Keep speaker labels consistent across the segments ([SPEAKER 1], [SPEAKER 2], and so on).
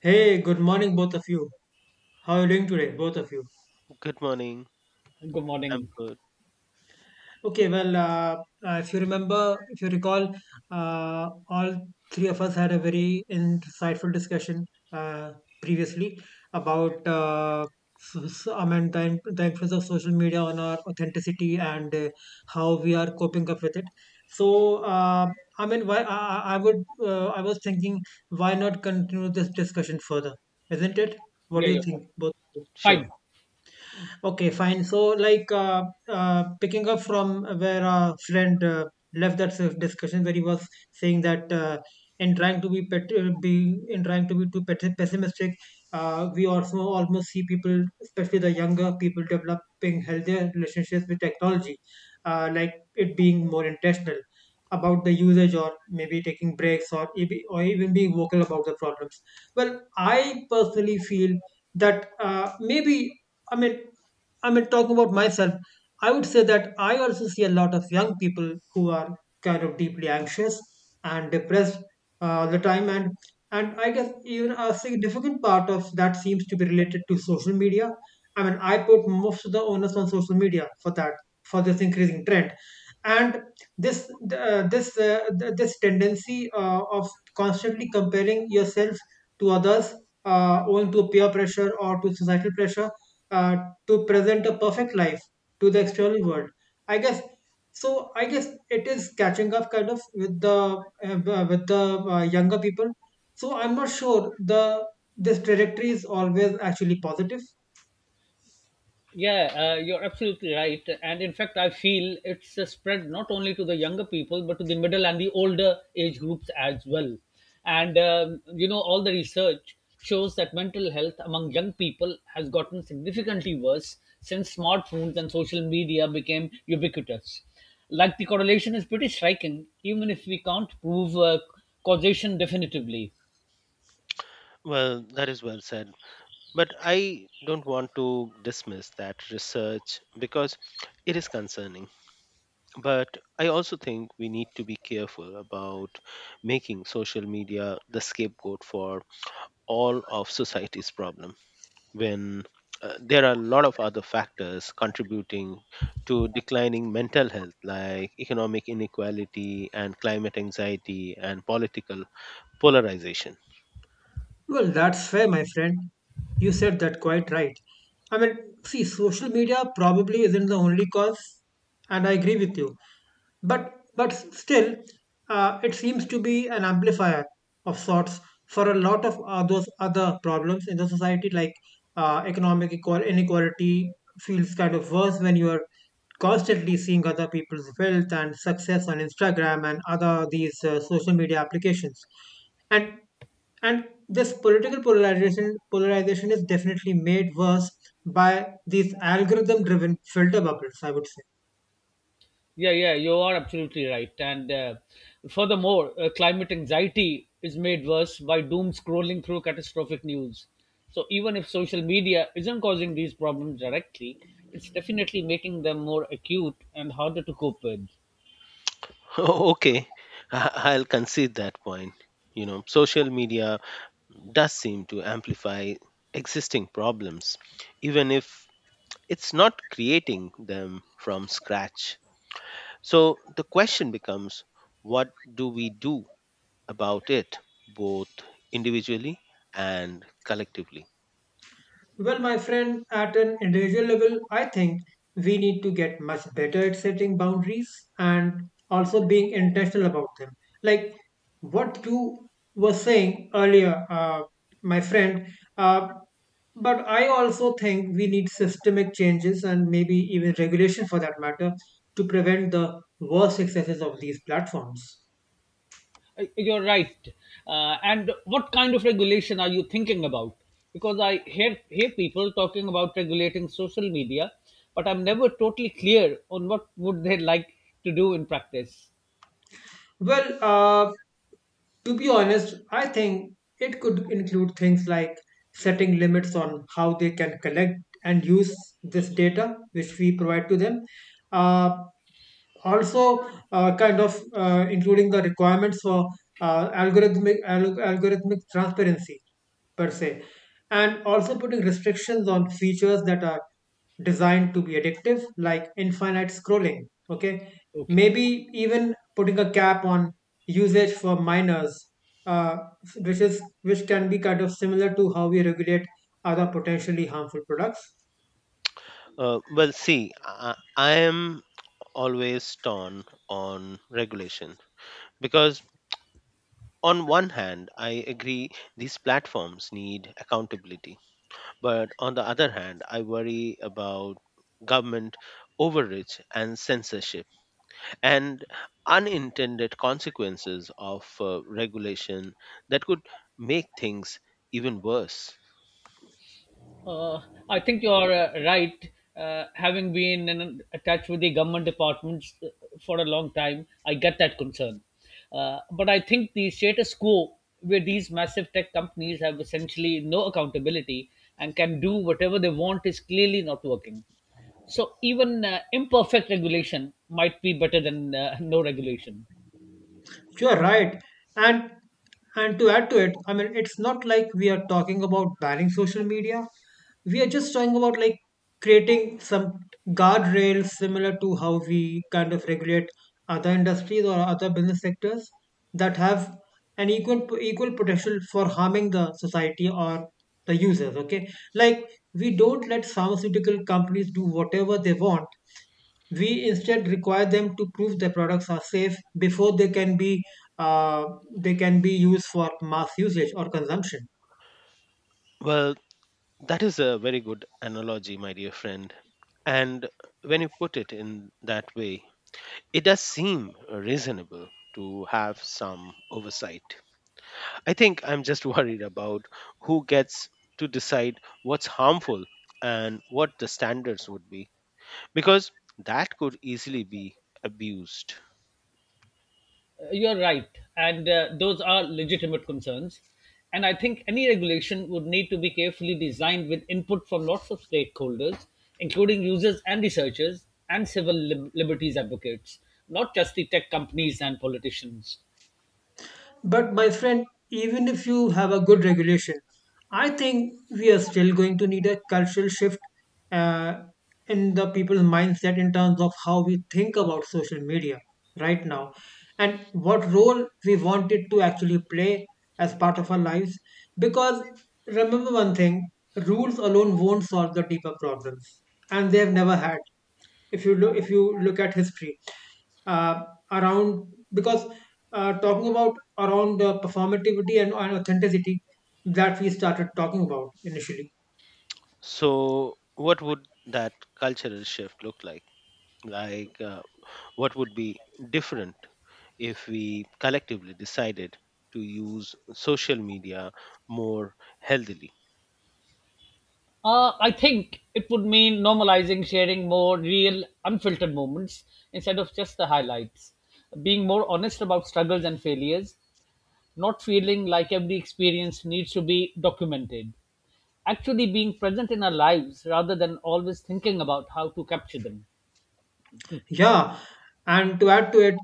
[SPEAKER 1] Hey, good morning, both of you. How are you doing today, both of you?
[SPEAKER 2] Good morning.
[SPEAKER 3] Good
[SPEAKER 2] I'm
[SPEAKER 3] morning.
[SPEAKER 2] good.
[SPEAKER 1] Okay, well, if you remember, if you recall, all three of us had a very insightful discussion uh, previously about s- the influence of social media on our authenticity, and how we are coping up with it. So, I mean, why I would I was thinking, why not continue this discussion further, isn't it? What
[SPEAKER 3] Yeah,
[SPEAKER 1] do you
[SPEAKER 3] you're
[SPEAKER 1] think, both?
[SPEAKER 3] fine.
[SPEAKER 2] Sure.
[SPEAKER 3] Fine.
[SPEAKER 1] Okay, fine. So, like, picking up from where our friend left that sort of discussion, where he was saying that in trying to be being in trying to be too pessimistic, we also almost see people, especially the younger people, developing healthier relationships with technology, like it being more intentional about the usage, or maybe taking breaks, or even being vocal about the problems. Well, I personally feel that maybe. I mean, I mean, talking about myself, I would say that I also see a lot of young people who are kind of deeply anxious and depressed, all the time, and I guess even a significant part of that seems to be related to social media. I mean, I put most of the onus on social media for that for this increasing trend, and this tendency of constantly comparing yourself to others, owing to peer pressure or to societal pressure, uh, to present a perfect life to the external world. I guess so. I guess it is catching up kind of with the younger people. So I'm not sure the this trajectory is always actually positive.
[SPEAKER 3] Yeah, you're absolutely right. And in fact, I feel it's spread not only to the younger people, but to the middle and the older age groups as well. And, you know, all the research shows that mental health among young people has gotten significantly worse since smartphones and social media became ubiquitous. Like the correlation is pretty striking, even if we can't prove causation definitively.
[SPEAKER 2] Well, that is well said. But I don't want to dismiss that research because it is concerning. But I also think we need to be careful about making social media the scapegoat for all of society's problem when there are a lot of other factors contributing to declining mental health like economic inequality and climate anxiety and political polarization.
[SPEAKER 1] Well, that's fair, my friend. You said that quite right. I mean, see, social media probably isn't the only cause, and I agree with you. But still, it seems to be an amplifier of sorts for a lot of those other problems in the society, like inequality feels kind of worse when you are constantly seeing other people's wealth and success on Instagram and other these social media applications. And this political polarization polarization is definitely made worse by these algorithm driven filter bubbles, I would say.
[SPEAKER 3] Yeah, yeah, you are absolutely right. And furthermore, climate anxiety is made worse by doom scrolling through catastrophic news. So, even if social media isn't causing these problems directly, it's definitely making them more acute and harder to cope with.
[SPEAKER 2] Okay, I'll concede that point. You know, social media does seem to amplify existing problems, even if it's not creating them from scratch. So the question becomes, what do we do about it, both individually and collectively?
[SPEAKER 1] Well, my friend, at an individual level, I think we need to get much better at setting boundaries and also being intentional about them. Like what you were saying earlier, my friend, uh, but I also think we need systemic changes and maybe even regulation for that matter to prevent the worst excesses of these platforms.
[SPEAKER 3] You're right. And what kind of regulation are you thinking about? Because I hear people talking about regulating social media, but I'm never totally clear on what would they like to do in practice.
[SPEAKER 1] Well, to be honest, I think it could include things like setting limits on how they can collect and use this data which we provide to them. Uh, Also, kind of including the requirements for algorithmic transparency per se, and also putting restrictions on features that are designed to be addictive, like infinite scrolling. Okay,
[SPEAKER 3] Okay.
[SPEAKER 1] maybe even putting a cap on usage for minors, uh, which can be kind of similar to how we regulate other potentially harmful products.
[SPEAKER 2] Well, see, I am always torn on regulation because on one hand, I agree these platforms need accountability. But on the other hand, I worry about government overreach and censorship and unintended consequences of regulation that could make things even worse.
[SPEAKER 3] Uh, I think you are right. Having been in, attached with the government departments for a long time, I get that concern. But I think the status quo, where these massive tech companies have essentially no accountability and can do whatever they want, is clearly not working. So even imperfect regulation might be better than no regulation.
[SPEAKER 1] You're right. And to add to it, I mean, it's not like we are talking about banning social media. We are just talking about like creating some guardrails similar to how we kind of regulate other industries or other business sectors that have an equal potential for harming the society or the users. Okay, like we don't let pharmaceutical companies do whatever they want, we instead require them to prove their products are safe before uh, they can be used for mass usage or consumption.
[SPEAKER 2] Well, that is a very good analogy, my dear friend. And when you put it in that way, it does seem reasonable to have some oversight. I think I'm just worried about who gets to decide what's harmful and what the standards would be, because that could easily be abused.
[SPEAKER 3] You're right, and those are legitimate concerns. And I think any regulation would need to be carefully designed with input from lots of stakeholders, including users and researchers and civil liberties advocates, not just the tech companies and politicians.
[SPEAKER 1] But my friend, even if you have a good regulation, I think we are still going to need a cultural shift uh, in the people's mindset in terms of how we think about social media right now and what role we want it to actually play as part of our lives. Because remember one thing, rules alone won't solve the deeper problems, and they have never had, if you look at history, uh, around, because talking about around performativity and authenticity that we started talking about initially.
[SPEAKER 2] So what would that cultural shift look like? Like, what would be different if we collectively decided to use social media more healthily?
[SPEAKER 3] I think it would mean normalizing, sharing more real, unfiltered moments instead of just the highlights, being more honest about struggles and failures, not feeling like every experience needs to be documented, actually being present in our lives rather than always thinking about how to capture them.
[SPEAKER 1] Yeah, and to add to it,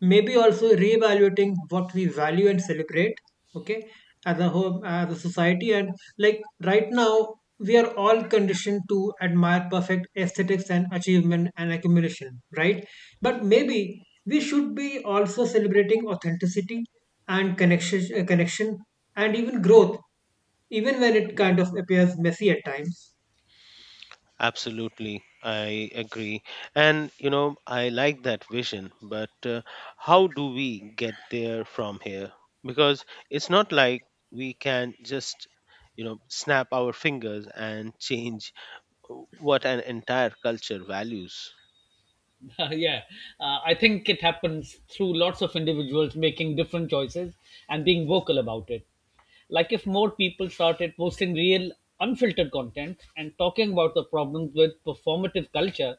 [SPEAKER 1] maybe also reevaluating what we value and celebrate, okay, as a whole, as a society. And like right now, we are all conditioned to admire perfect aesthetics and achievement and accumulation, right? But maybe we should be also celebrating authenticity and connection, and even growth, even when it kind of appears messy at times.
[SPEAKER 2] Absolutely, I agree. And you know, I like that vision, but how do we get there from here? Because it's not like we can just, you know, snap our fingers and change what an entire culture values.
[SPEAKER 3] Yeah, I think it happens through lots of individuals making different choices and being vocal about it. Like if more people started posting real, unfiltered content and talking about the problems with performative culture,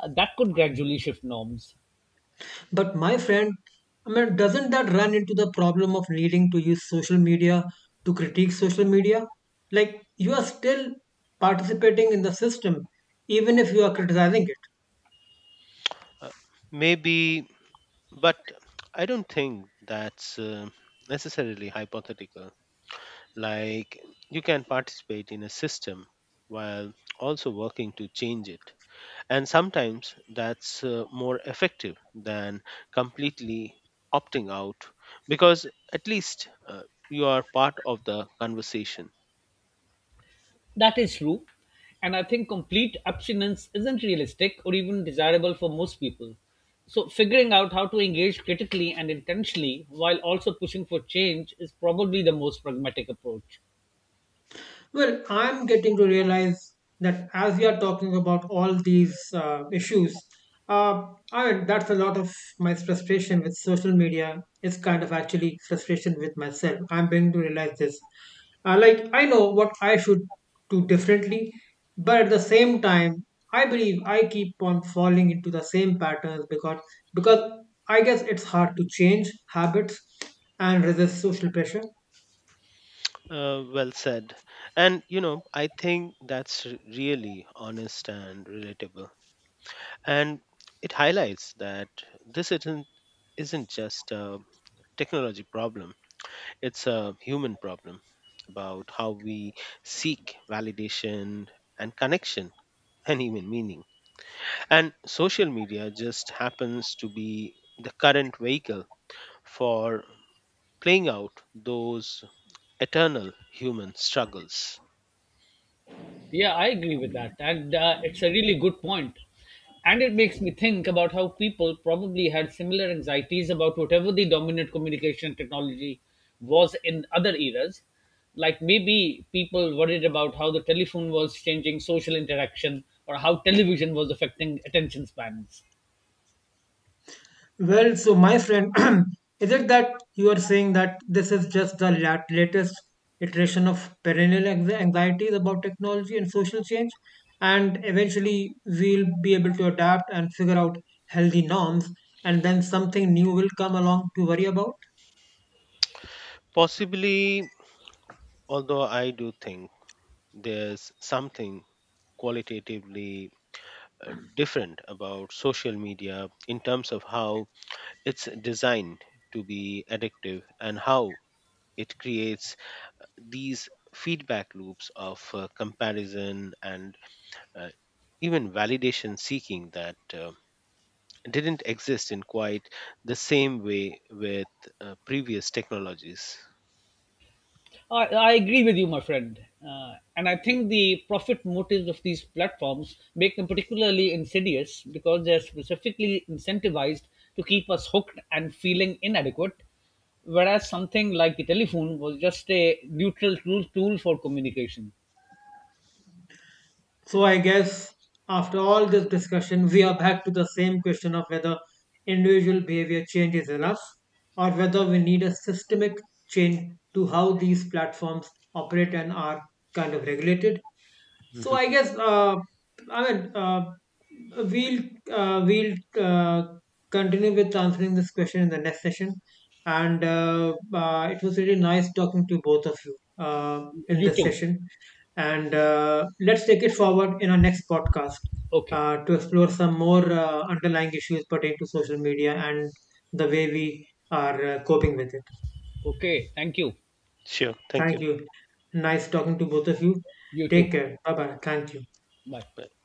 [SPEAKER 3] that could gradually shift norms.
[SPEAKER 1] But my friend, I mean, doesn't that run into the problem of needing to use social media to critique social media? Like, you are still participating in the system, even if you are criticizing it.
[SPEAKER 2] Uh, Maybe, but I don't think that's necessarily hypothetical. Like, you can participate in a system while also working to change it. And sometimes that's more effective than completely opting out, because at least you are part of the conversation.
[SPEAKER 3] That is true. And I think complete abstinence isn't realistic or even desirable for most people. So, figuring out how to engage critically and intentionally while also pushing for change is probably the most pragmatic approach.
[SPEAKER 1] Well, I'm getting to realize that as we are talking about all these issues, uh, I mean, that's a lot of my frustration with social media. It's kind of actually frustration with myself. I'm beginning to realize this. Like, I know what I should do differently, but at the same time, I believe I keep on falling into the same patterns, because I guess it's hard to change habits and resist social pressure.
[SPEAKER 2] Well said. And, you know, I think that's really honest and relatable. And it highlights that this isn't just a technology problem, it's a human problem about how we seek validation and connection and even meaning. And social media just happens to be the current vehicle for playing out those eternal human struggles.
[SPEAKER 3] Yeah, I agree with that. And it's a really good point. And it makes me think about how people probably had similar anxieties about whatever the dominant communication technology was in other eras. Like maybe people worried about how the telephone was changing social interaction or how television was affecting attention spans.
[SPEAKER 1] Well, so my friend, is it that you are saying that this is just the latest iteration of perennial anxieties about technology and social change, and eventually we'll be able to adapt and figure out healthy norms, and then something new will come along to worry about?
[SPEAKER 2] Possibly, although I do think there's something qualitatively different about social media in terms of how it's designed to be addictive and how it creates these feedback loops of comparison and uh, even validation seeking that didn't exist in quite the same way with previous technologies.
[SPEAKER 3] I agree with you, my friend. And I think the profit motives of these platforms make them particularly insidious because they're specifically incentivized to keep us hooked and feeling inadequate, whereas something like the telephone was just a neutral tool for communication.
[SPEAKER 1] So I guess after all this discussion, we are back to the same question of whether individual behavior change is enough or whether we need a systemic change to how these platforms operate and are kind of regulated. So I guess I mean uh, we'll we'll continue with answering this question in the next session. And it was really nice talking to both of you in
[SPEAKER 3] You
[SPEAKER 1] this
[SPEAKER 3] too.
[SPEAKER 1] session, and let's take it forward in our next podcast
[SPEAKER 3] Okay.
[SPEAKER 1] to explore some more underlying issues pertaining to social media and the way we are coping with it.
[SPEAKER 3] Okay. Thank you.
[SPEAKER 2] Sure, thank
[SPEAKER 1] Thank
[SPEAKER 2] you.
[SPEAKER 1] you. Nice talking to both of you.
[SPEAKER 3] You too.
[SPEAKER 1] Take care. Bye bye. Thank you.
[SPEAKER 3] Bye.
[SPEAKER 2] Bye.